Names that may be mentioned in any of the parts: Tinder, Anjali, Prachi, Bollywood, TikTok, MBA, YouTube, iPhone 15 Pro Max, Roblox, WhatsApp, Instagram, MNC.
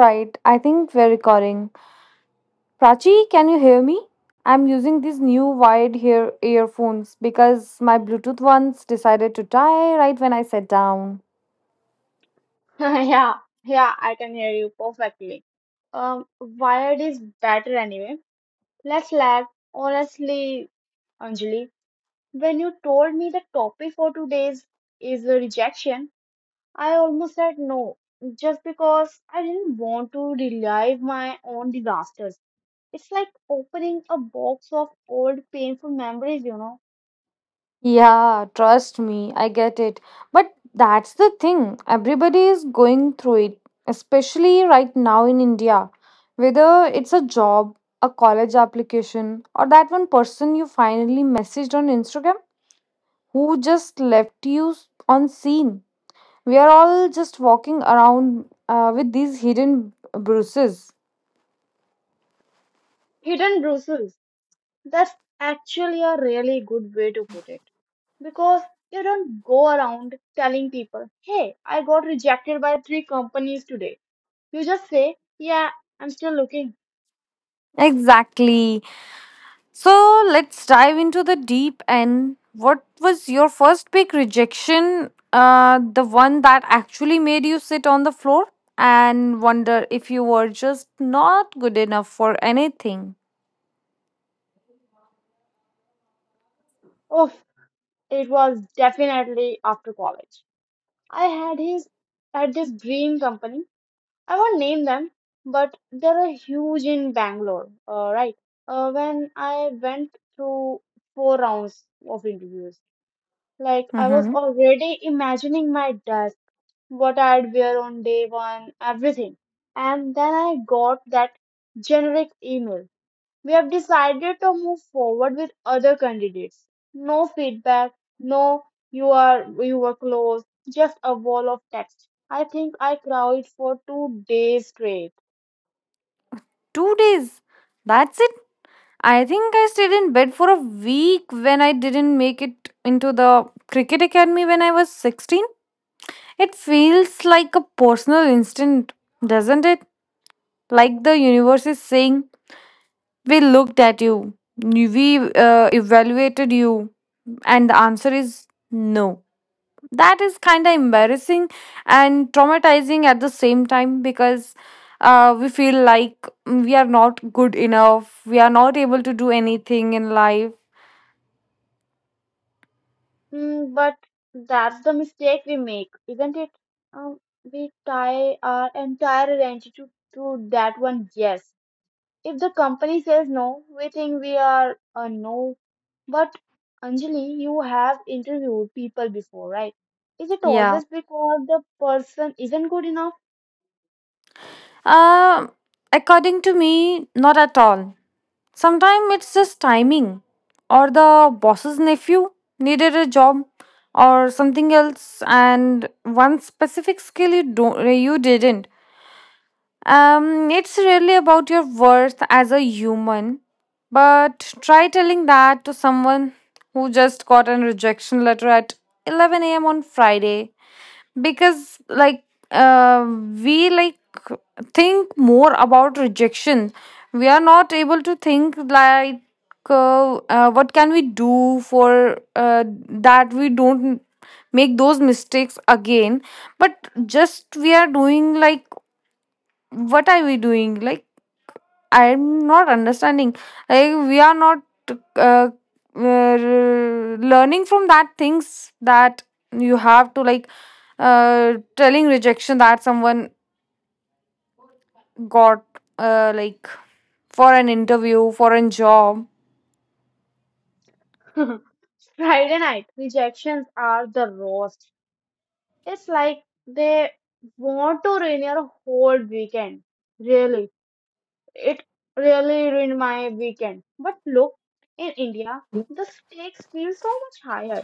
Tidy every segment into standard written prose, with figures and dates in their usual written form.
Right, I think we're recording. Prachi, can you hear me? I'm using these new wired ear earphones because my Bluetooth ones decided to die right when I sat down. Yeah, yeah, I can hear you perfectly. Wired is better anyway. Let's laugh. Honestly, Anjali, when you told me the topic for today's is a rejection, I almost said no, just because I didn't want to relive my own disasters. It's like opening a box of old painful memories, you know, Yeah, trust me, I get it. But that's the thing, everybody is going through it, especially right now in India. Whether it's a job, a college application, or that one person you finally messaged on Instagram who just left you on scene. We are all just walking around with these hidden bruises. hidden bruises. That's actually a really good way to put it, because you don't go around telling people, hey, I got rejected by three companies today. You just say, yeah, I'm still looking. Exactly. So let's dive into the deep end. What was your first big rejection? The one that actually made you sit on the floor and wonder if you were just not good enough for anything. Oh, it was definitely after college. I had his at this dream company. I won't name them, but they're a huge in Bangalore. Right. When I went through four rounds of interviews, like I was Mm-hmm. already imagining my what I'd wear on day one, everything. And then I got that generic email. We have decided to move forward with other candidates. No feedback, no you are you were close, just a wall of text. I think I cried for two days straight. 2 days. That's it. I think I stayed in bed for a week when I didn't make it into the cricket academy when I was 16. It feels like a personal instant, doesn't it? Like the universe is saying, we looked at you, we evaluated you, and the answer is no. That is kind of embarrassing and traumatizing at the same time because we feel like we are not good enough, we are not able to do anything in life. Hmm, but that's the mistake we make, isn't it? Um, we tie our entire identity to that one yes. If the company says no, we think we are a no. But Anjali, you have interviewed people before, right? Is it Yeah. always because the person isn't good enough? Uh, according to me, not at all. Sometimes it's just timing, or the boss's nephew needed a job or something else, and one specific skill you didn't. It's really about your worth as a human. But try telling that to someone who just got a rejection letter at 11 a.m. on Friday, because like uh, we like think more about rejection. We are not able to think like what can we do for that we don't make those mistakes again, but just we are doing, like, what are we doing, like, I'm not understanding. Like we are not uh, uh, learning from that things that you have to like telling rejection that someone got like, for an interview for a job. Friday night rejections are the worst. It's like they want to ruin your whole weekend. Really, it really ruined my weekend. But look, in India, the stakes feel so much higher.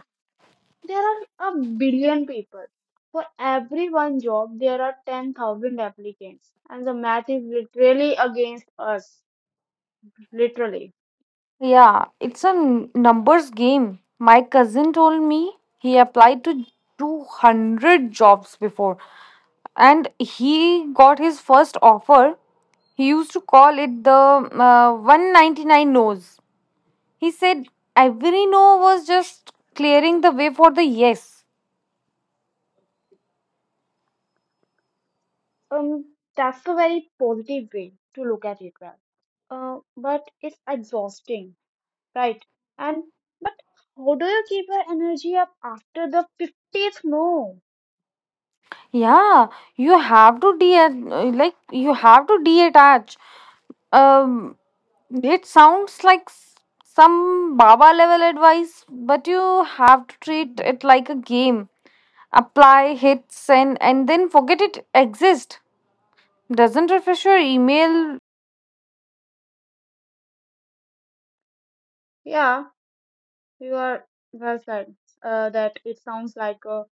There are a billion people. For every one job, there are 10,000 applicants. And the math is literally against us. Literally. Yeah, it's a numbers game. My cousin told me he applied to 200 jobs before and he got his first offer. He used to call it the 199 no's. He said every no was just clearing the way for the yes. That's a very positive way to look at it, well. But it's exhausting, right? And but how do you keep your energy up after the 50th no? Yeah, you have to detach. Um, it sounds like some Baba level advice, but you have to treat it like a game. Apply, hit, send, and then forget it exists. Doesn't refresh your email. Yeah, you are well said. That it sounds like a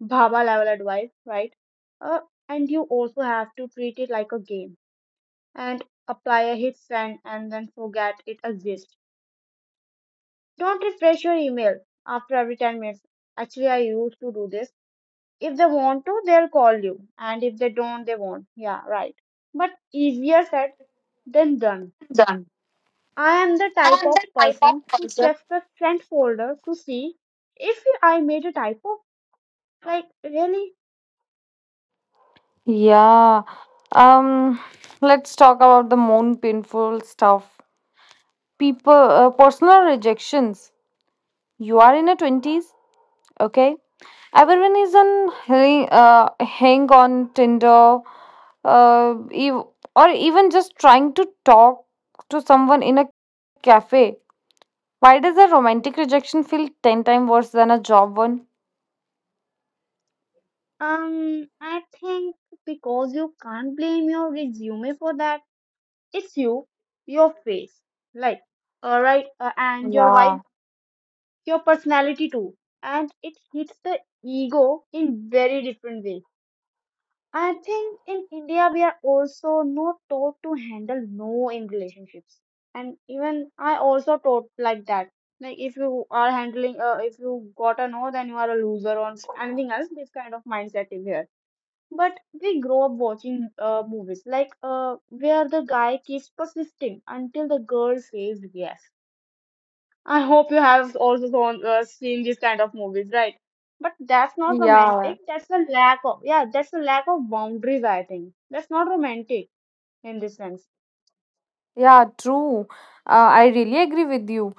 Baba level advice, right? Uh, and you also have to treat it like a game and apply a hit send and then forget it exists. Don't refresh your email after every 10 minutes. Actually, I used to do this. If they want to, they'll call you, and if they don't, they won't. Yeah, right. But easier said than done. Done. I am the I type am of that type of person who person. checks the sent folder to see if I made a typo. Like, really? Yeah. Um, let's talk about the more painful stuff. People, personal rejections. You are in your 20s, okay? Everyone is on hang, hang on Tinder, uh, ev- or even just trying to talk to someone in a cafe. Why does a romantic rejection feel 10 times worse than a job one? I think because you can't blame your resume for that. It's you, your face, like, all right, and your vibe, Yeah, your personality too. And it hits the ego in very different way. I think in India we are also not taught to handle no in relationships. And even I also taught like that. Like if you are handling, if you got a no, then you are a loser or anything else. This kind of mindset is here but we grow up watching movies like where the guy keeps persisting until the girl says yes. I hope you have also gone, seen these kind of movies, right? But that's not yeah, romantic. That's a lack of yeah. That's a lack of boundaries. I think that's not romantic in this sense. yeah, true. I really agree with you.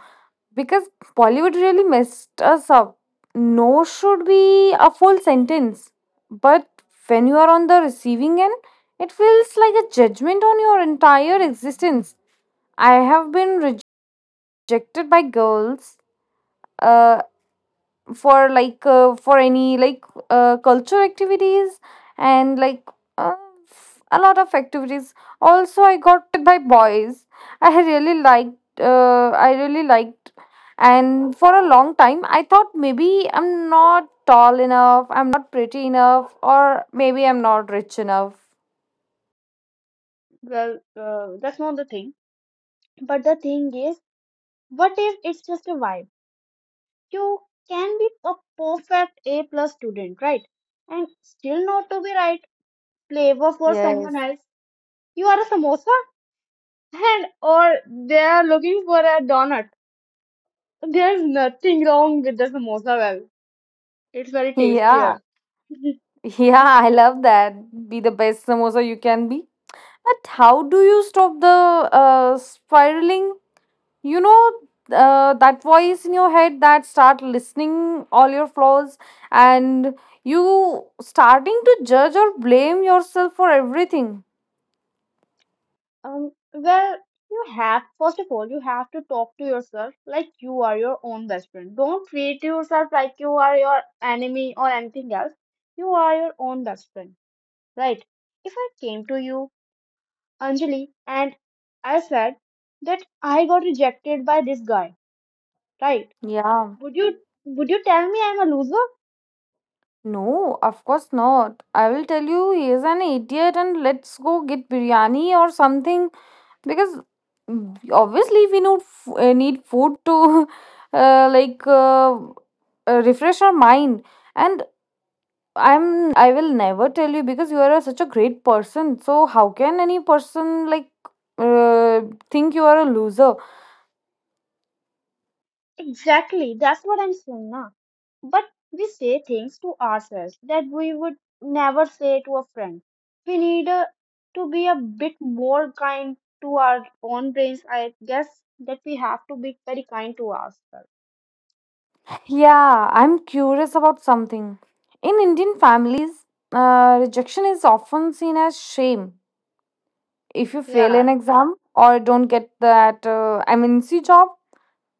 Because Bollywood really messed us up. No should be a full sentence. But when you are on the receiving end, it feels like a judgment on your entire existence. I have been rejected by girls. Uh, for like for any like culture activities, and like uh, a lot of activities. Also, I got by boys I really liked and for a long time I thought maybe I'm not tall enough, I'm not pretty enough, or maybe I'm not rich enough. That's not the thing. But the thing is, what if it's just a vibe? You can be a perfect A plus student, right? And still not to be right flavor for someone Yes. else. You are a samosa and or they are looking for a donut. There's nothing wrong with the samosa well. It's very Yeah, tastier. yeah, I love that. Be the best samosa you can be. But how do you stop the spiraling, you know, that voice in your head that start listening all your flaws, and you starting to judge or blame yourself for everything? Um, well, you have, first of all, you have to talk to yourself like you are your own best friend. Don't treat yourself like you are your enemy or anything else. You are your own best friend, right? If I came to you, Anjali, and I said that I got rejected by this guy, right? Yeah, Would you tell me I'm a loser? no, of course not. I will tell you he is an idiot, and let's go get biryani or something. Because mm, obviously we need food to uh, like uh, refresh our mind. And I will never tell you, because you are such a great person. So how can any person like uh, think you are a loser? Exactly, that's what I'm saying now. But we say things to ourselves that we would never say to a friend. We need to be a bit more kind to our own brains. I guess that we have to be very kind to ourselves. Yeah, I'm curious about something. In Indian families, rejection is often seen as shame. If you fail Yeah, an exam or don't get that MNC job,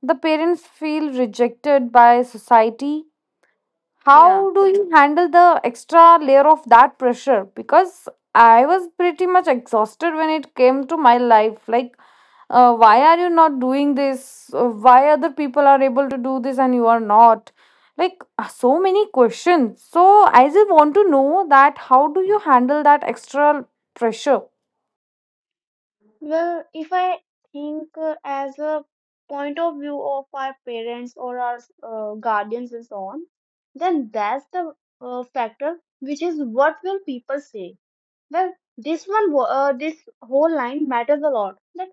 the parents feel rejected by society. yeah. How do you handle the extra layer of that pressure? Because I was pretty much exhausted when it came to my life. Like, why are you not doing this? Why other people are able to do this and you are not? Like, so many questions. So, I just want to know that how do you handle that extra pressure? Well, if I think as a point of view of our parents or our guardians and so on, then that's the factor which is what will people say. This whole line matters a lot. That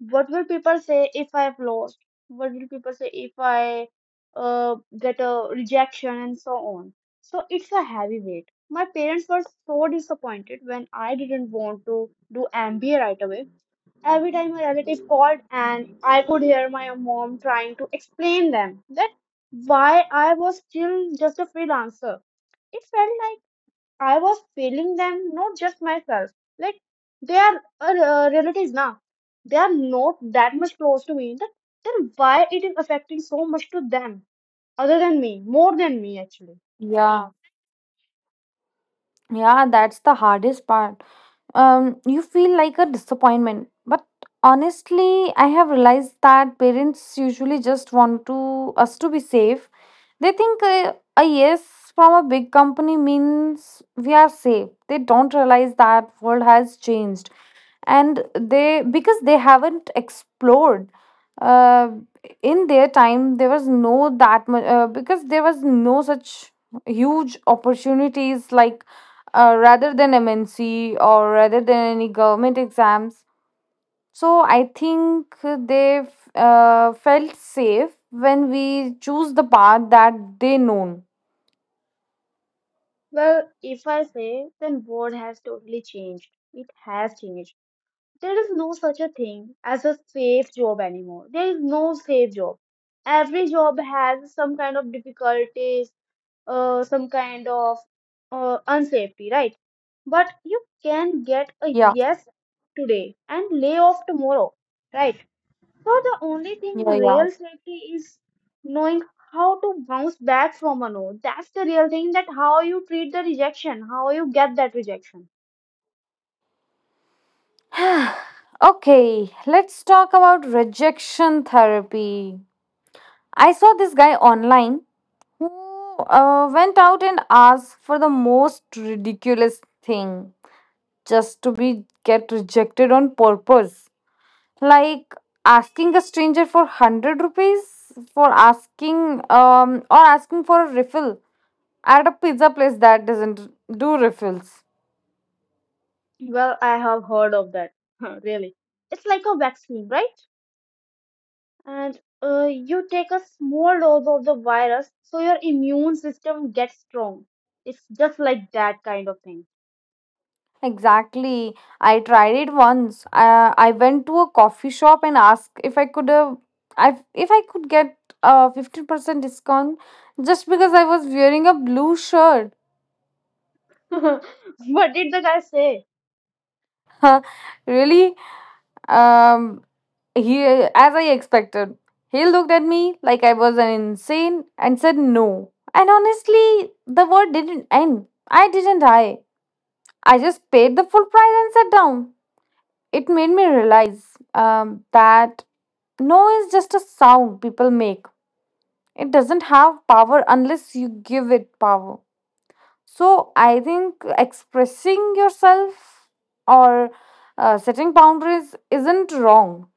what will people say if I have lost? What will people say if I get a rejection and so on? So it's a heavy weight. My parents were so disappointed when I didn't want to do MBA right away. Every time a relative called, and I could hear my mom trying to explain them that why I was still just a freelancer. It felt like I was failing them, not just myself. Like they are relatives now. They are not that much close to me. Then why it is affecting so much to them, other than me, more than me actually? Yeah. Yeah, that's the hardest part. You feel like a disappointment. But honestly, I have realized that parents usually just want to us to be safe. They think a yes from a big company means we are safe. They don't realize that world has changed, and they, because they haven't explored uh, in their time there was no that much, because there was no such huge opportunities like, rather than MNC or rather than any government exams. So I think they felt safe when we choose the path that they known. Well, if I say, then world has totally changed. It has changed. There is no such a thing as a safe job anymore. There is no safe job. Every job has some kind of difficulties, some kind of unsafety, right? But you can get a Yeah, yes today and lay off tomorrow, right? So the only thing yeah, yeah. real safety is knowing how to bounce back from a no. That's the real thing that how you treat the rejection, how you get that rejection. Okay, let's talk about rejection therapy. I saw this guy online who went out and asked for the most ridiculous thing just to be get rejected on purpose. Like asking a stranger for 100 rupees for asking or asking for a refill at a pizza place that doesn't do refills. Well, I have heard of that, really. It's like a vaccine, right? And you take a small dose of the virus so your immune system gets strong. It's just like that kind of thing. Exactly. I tried it once. I went to a coffee shop and asked if I could get a 15% discount just because I was wearing a blue shirt. What did the guy say? Really? Um he, as I expected. He looked at me like I was an insane and said no. And honestly, the word didn't end. I didn't I. I just paid the full price and sat down. It made me realize that no is just a sound people make. It doesn't have power unless you give it power. So I think expressing yourself or setting boundaries isn't wrong.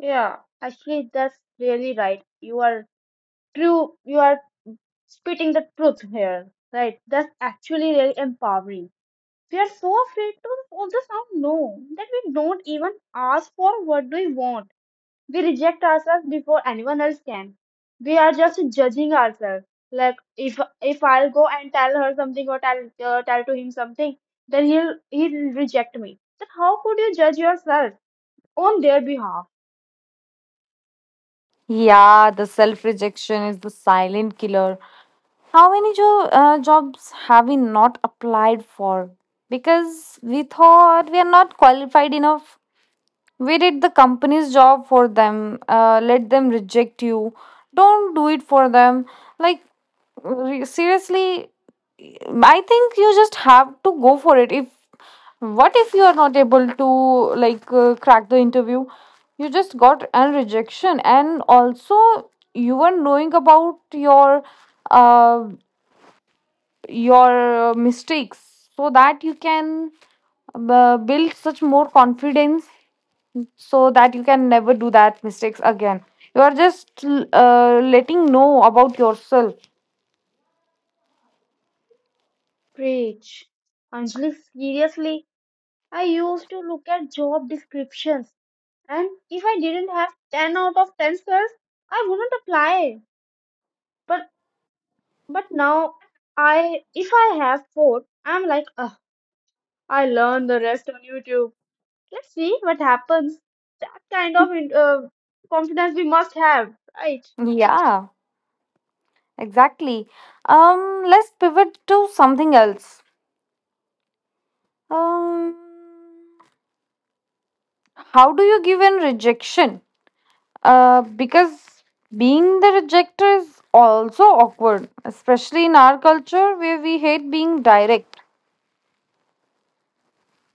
Yeah, actually, that's really right. You are true, you are spitting the truth here, right? That's actually really empowering. We are so afraid to also sound no that we don't even ask for what do we want. We reject ourselves before anyone else can. We are just judging ourselves. Like if I'll go and tell her something or tell tell to him something, then he'll reject me. Then how could you judge yourself on their behalf? Yeah, the self rejection is the silent killer. How many jobs have we not applied for? Because we thought we are not qualified enough. We did the company's job for them. Let them reject you. Don't do it for them. Like, seriously, I think you just have to go for it. If what if you are not able to like crack the interview? You just got an rejection, and also you were knowing about uh, your mistakes, so that you can build such more confidence so that you can never do that mistakes again. You are just letting know about yourself. Preach, Anjali. Seriously, I used to look at job descriptions, and if I didn't have ten out of ten stars, I wouldn't apply. But but now I if I have four, I'm like, ugh, I learned the rest on YouTube. Let's see what happens. That kind of confidence we must have, right? Yeah, exactly. Let's pivot to something else. Um how do you give in rejection, because being the rejecter is also awkward, especially in our culture where we hate being direct?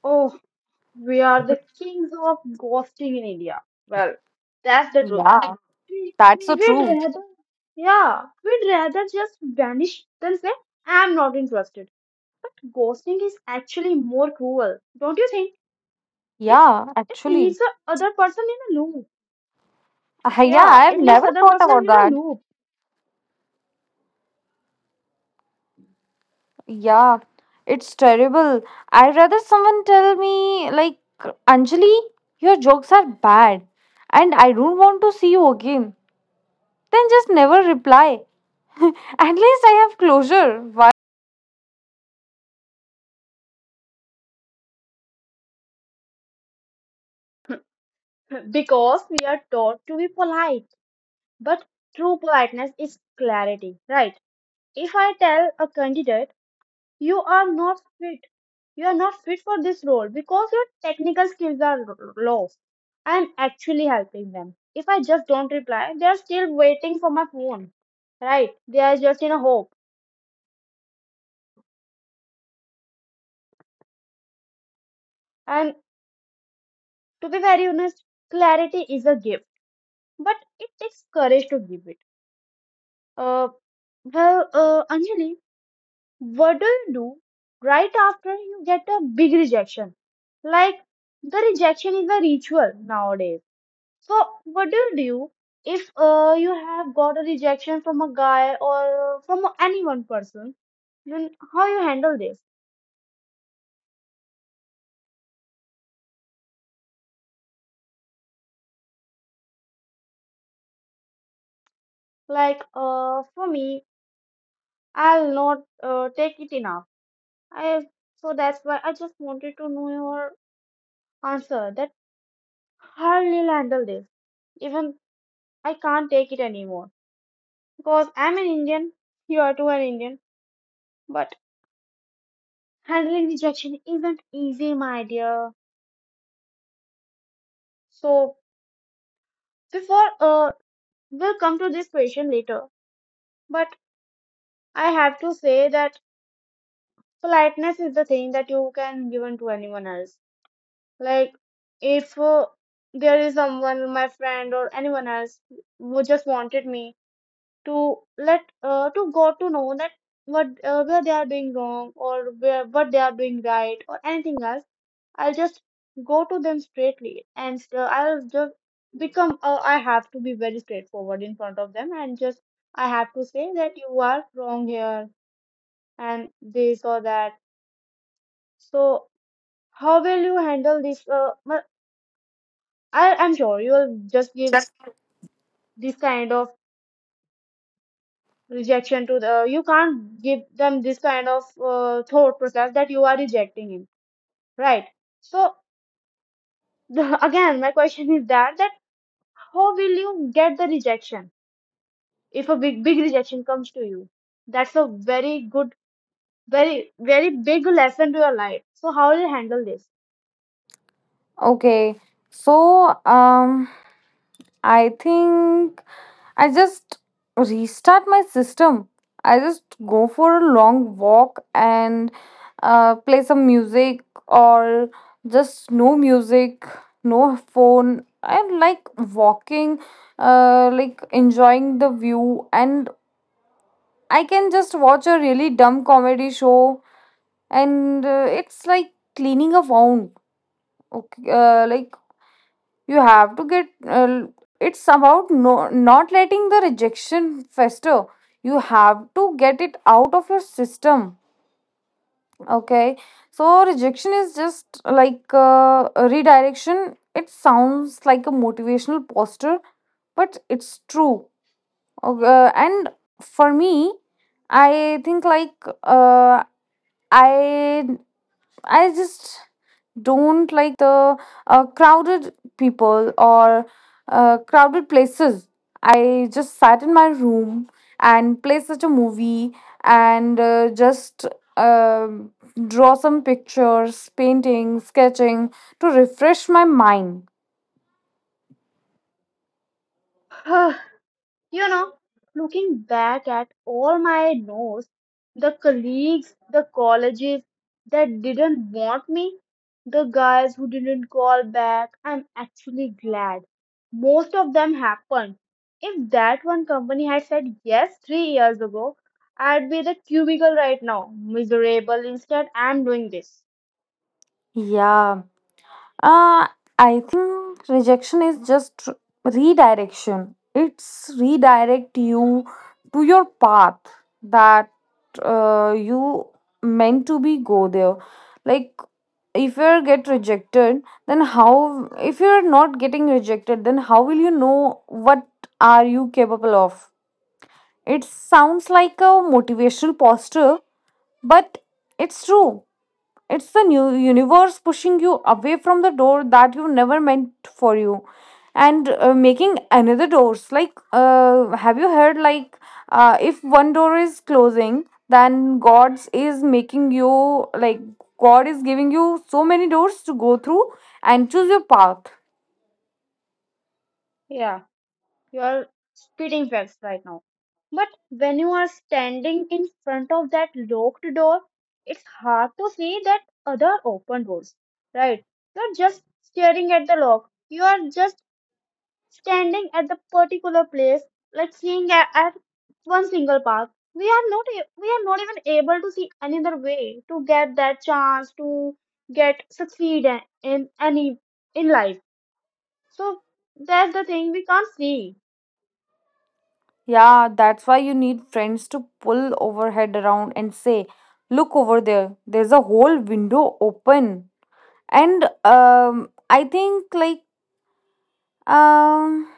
Oh, we are the kings of ghosting in India. Well, that's the truth. Yeah, We- that's so We'd true. rather, yeah, we'd rather just vanish than say, I'm not interested. But ghosting is actually more cruel, don't you think? It Yeah, it actually, leaves the other person in a loop. yeah Yeah, I've it leaves never other thought person about in a that. loop Yeah, it's terrible. I'd rather someone tell me, like, Anjali, your jokes are bad and I don't want to see you again, then just never reply. At least I have closure. Why? because we are taught to be polite. But true politeness is clarity, right? If I tell a candidate you are not fit, you are not fit for this role because your technical skills are low, I'm actually helping them. If I just don't reply, they are still waiting for my phone, right? They are just in a hope. And to be very honest, clarity is a gift, but it takes courage to give it. Uh, Anjali, what do you do right after you get a big rejection? Like the rejection is a ritual nowadays. So what do you do if you have got a rejection from a guy or from any one person? Then how you handle this? Like for me, I'll not take it enough. I so that's why I just wanted to know your answer. That how you'll handle this? Even I can't take it anymore because I'm an Indian. You are too an Indian. But handling rejection isn't easy, my dear. So, before, we'll come to this question later. But I have to say that politeness is the thing that you can give to anyone else. Like, if there is someone, my friend or anyone else, who just wanted me to let, to go to know that what where they are doing wrong or where what they are doing right or anything else, I'll just go to them straightly and I'll just become, I have to be very straightforward in front of them and just, I have to say that you are wrong here and this or that. So, how will you handle this? But I'm sure you'll just give this kind of rejection to the, you can't give them this kind of thought process that you are rejecting him, right? So, again, my question is that, that how will you get the rejection? If a big rejection comes to you, that's a very good, very big lesson to your life. So how will you handle this? Okay, so I think I just restart my system. I just go for a long walk and play some music, or just no music, no phone. I'm like walking, like enjoying the view, and I can just watch a really dumb comedy show, and it's like cleaning a wound. Okay, like, you have to get, it's about, no, not letting the rejection fester. You have to get it out of your system. Okay, so rejection is just like a redirection. It sounds like a motivational poster, but it's true. Okay. And for me, I think like, i I just don't like the crowded people or crowded places. I just sat in my room and play such a movie and just um draw some pictures, painting, sketching to refresh my mind. you know, looking back at all my notes, the colleagues, the colleges that didn't want me, the guys who didn't call back, I'm actually glad most of them happened. If that one company had said yes 3 years ago, I'd be the cubicle right now, miserable. Instead, I'm doing this. Yeah. Uh, I think rejection is just redirection. It's redirect you to your path that you meant to be go there. Like if you get rejected, then how? If you're not getting rejected, then how will you know what are you capable of? It sounds like a motivational poster, but it's true. It's the new universe pushing you away from the door that you never meant for you and making another doors, like, have you heard like, if one door is closing, then god's is making you, like, god is giving you so many doors to go through and choose your path. Yeah, you are speeding fast right now. But when you are standing in front of that locked door, it's hard to see that other open doors, right? You're just staring at the lock. You are just standing at the particular place, like seeing at one single path. We are not we are not even able to see another way to get that chance to get succeed in any in life. So that's the thing we can't see. Yeah, that's why you need friends to pull overhead around and say look over there, there's a whole window open. And I think like, Um,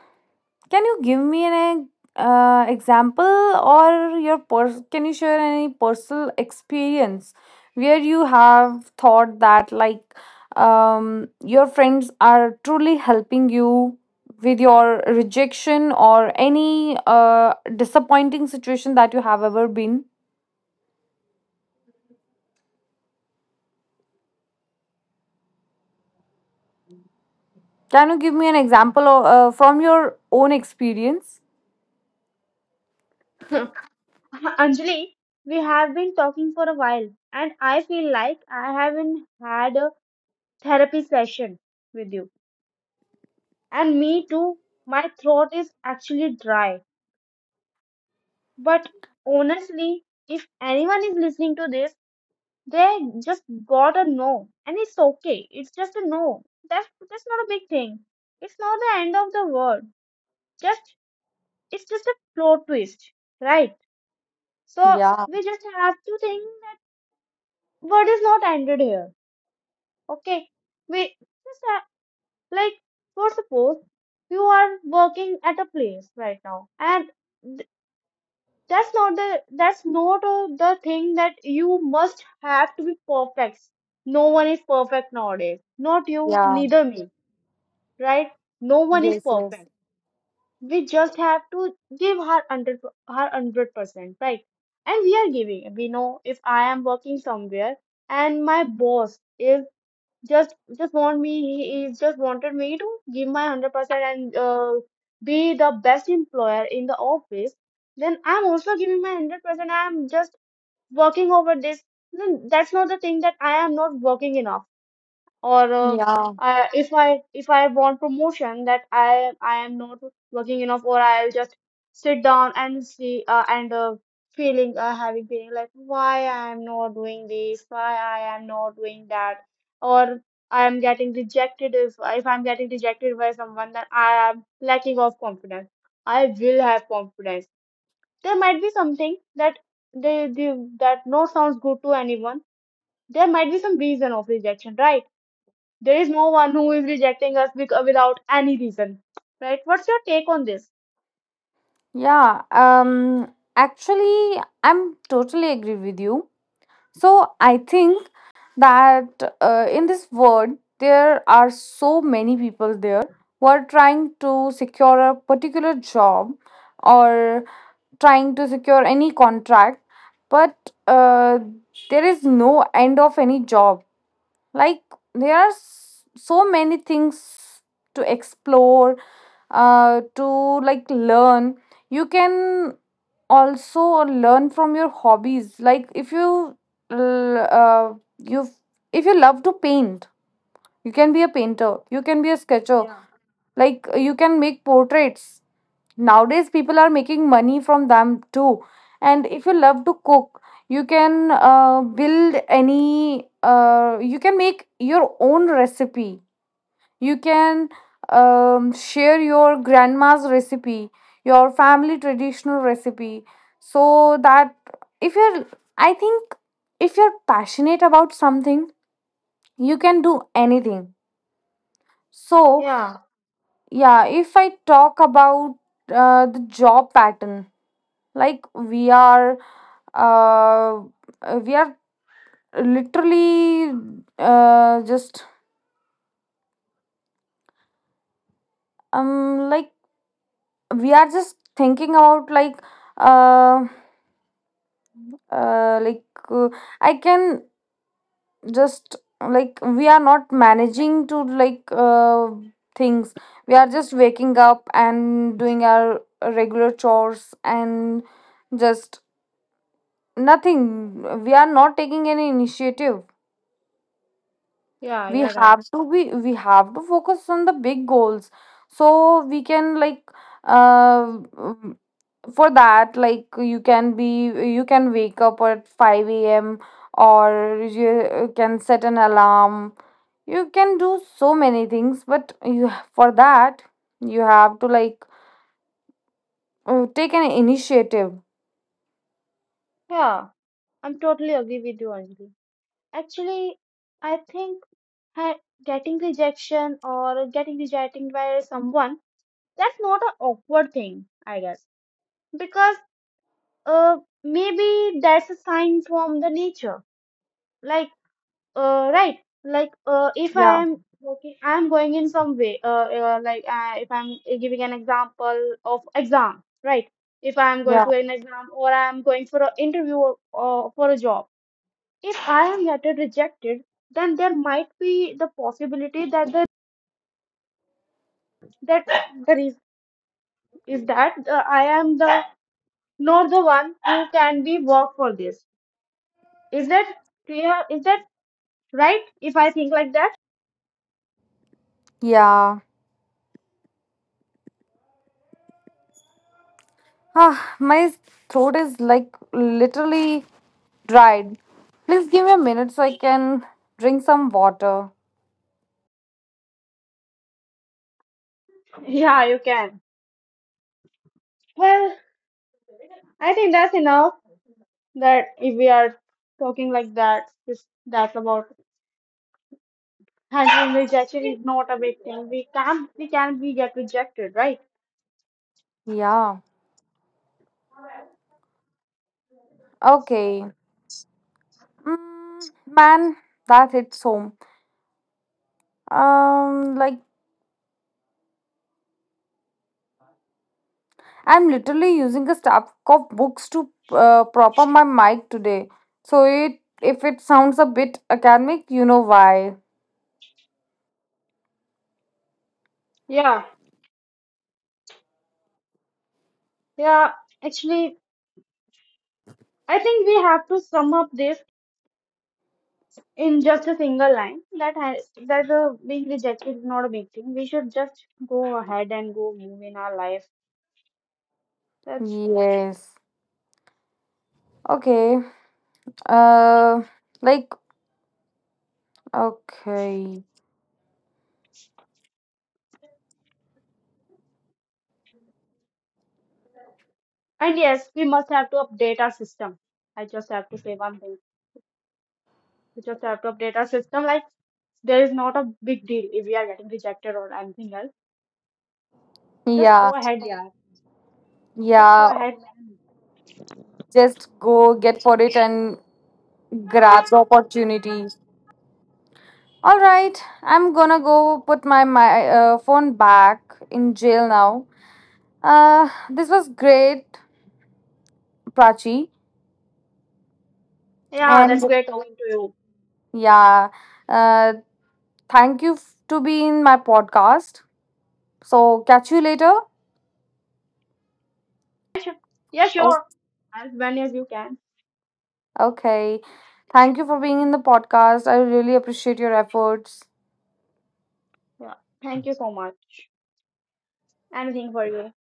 can you give me an example or your can you share any personal experience where you have thought that like your friends are truly helping you with your rejection or any disappointing situation that you have ever been? Can you give me an example from your own experience? Anjali, we have been talking for a while, and I feel like I haven't had a therapy session with you. And me too, my throat is actually dry. But honestly, if anyone is listening to this, they just got a no, and it's okay. It's just a no. That's not a big thing. It's not the end of the world. Just it's just a plot twist, right? So Yeah, we just have to think that word is not ended here. Okay, we just like for suppose you are working at a place right now, and th- that's not the, that's not the thing that you must have to be perfect. No one is perfect nowadays. Not you, yeah, neither me, right? No one is yes, yes. perfect. We just have to give her hundred, her 100%, right? And we are giving. We know if I am working somewhere and my boss is just want me, he is just wanted me to give my 100% and be the best employer in the office, then I'm also giving my 100%. I'm just working over this, then that's not the thing that I am not working enough. Or Yeah. I, if I, if I want promotion, that I am not working enough, or I'll just sit down and see and feeling having feeling like why I am not doing this, why I am not doing that, or I am getting rejected. If I'm getting rejected by someone, then I am lacking of confidence. I will have confidence. There might be something that they that no sounds good to anyone. There might be some reason of rejection, right? There is no one who is rejecting us without any reason, right? What's your take on this? Yeah, actually, I'm totally agree with you. So I think that in this world, there are so many people there who are trying to secure a particular job or trying to secure any contract, but uh, there is no end of any job. Like there are so many things to explore, to like learn. You can also learn from your hobbies. Like if you if you love to paint, you can be a painter, you can be a sketcher, Yeah. like you can make portraits. Nowadays people are making money from them too. And if you love to cook, you can build any, you can make your own recipe, you can share your grandma's recipe, your family traditional recipe. So that if you're, I think, if you're passionate about something, you can do anything. So, Yeah, yeah, if I talk about the job pattern, like uh, we are literally just like we are just thinking about uh, like uh, I can just like we are not managing to like things. We are just waking up and doing our regular chores and just nothing. We are not taking any initiative. yeah, we you're right. have to be we have to focus on the big goals. So we can like uh um, for that, like, you can wake up at 5 a.m. or you can set an alarm, you can do so many things. But you, for that you have to like take an initiative. Yeah, I'm totally agree with you, Anjali. Actually, I think ha- getting rejection or getting rejected by someone, that's not an awkward thing, I guess. Because uh, maybe that's a sign from the nature. Like, right, like if I Yeah, am working, I am going in some way, like, if I'm giving an example of exam, right? If I am going to yeah, an exam, or I am going for an interview, or for a job, if I am getting rejected, then there might be the possibility that that the reason is that I am the not the one who can be work for this. Is that clear? Is that right if I think like that? yeah. My throat is like literally. Right, please give me a minute so I can drink some water. Yeah, you can well. I think that's enough, that if we are talking like that, just that's about handling rejection is not a big thing. We can, we get rejected, right? Yeah. Okay. Mm, man, that hits home. Like I'm literally using a stack of books to prop up my mic today. So it if it sounds a bit academic, you know why. Yeah, yeah. Actually, I think we have to sum up this in just a single line, that that being rejected is not a big thing. We should just go ahead and go move in our life. That's, Yes. Okay. Uh, like okay. and yes, we must have to update our system. I just have to say one thing. We just have to update our system. Like, there is not a big deal if we are getting rejected or anything else. Just Yeah. go ahead. Yeah, just go Yeah. ahead, man. Just go get for it and grab the opportunity. All right, I'm gonna go put my phone back in jail now. This was great, Prachi, Yeah, and that's great talking to you. yeah, uh, thank you to be in my podcast. So catch you later. Yeah, sure. Yeah, Oh, sure. As many as you can. okay. Thank you for being in the podcast. I really appreciate your efforts. Yeah, thank you so much. Anything for you.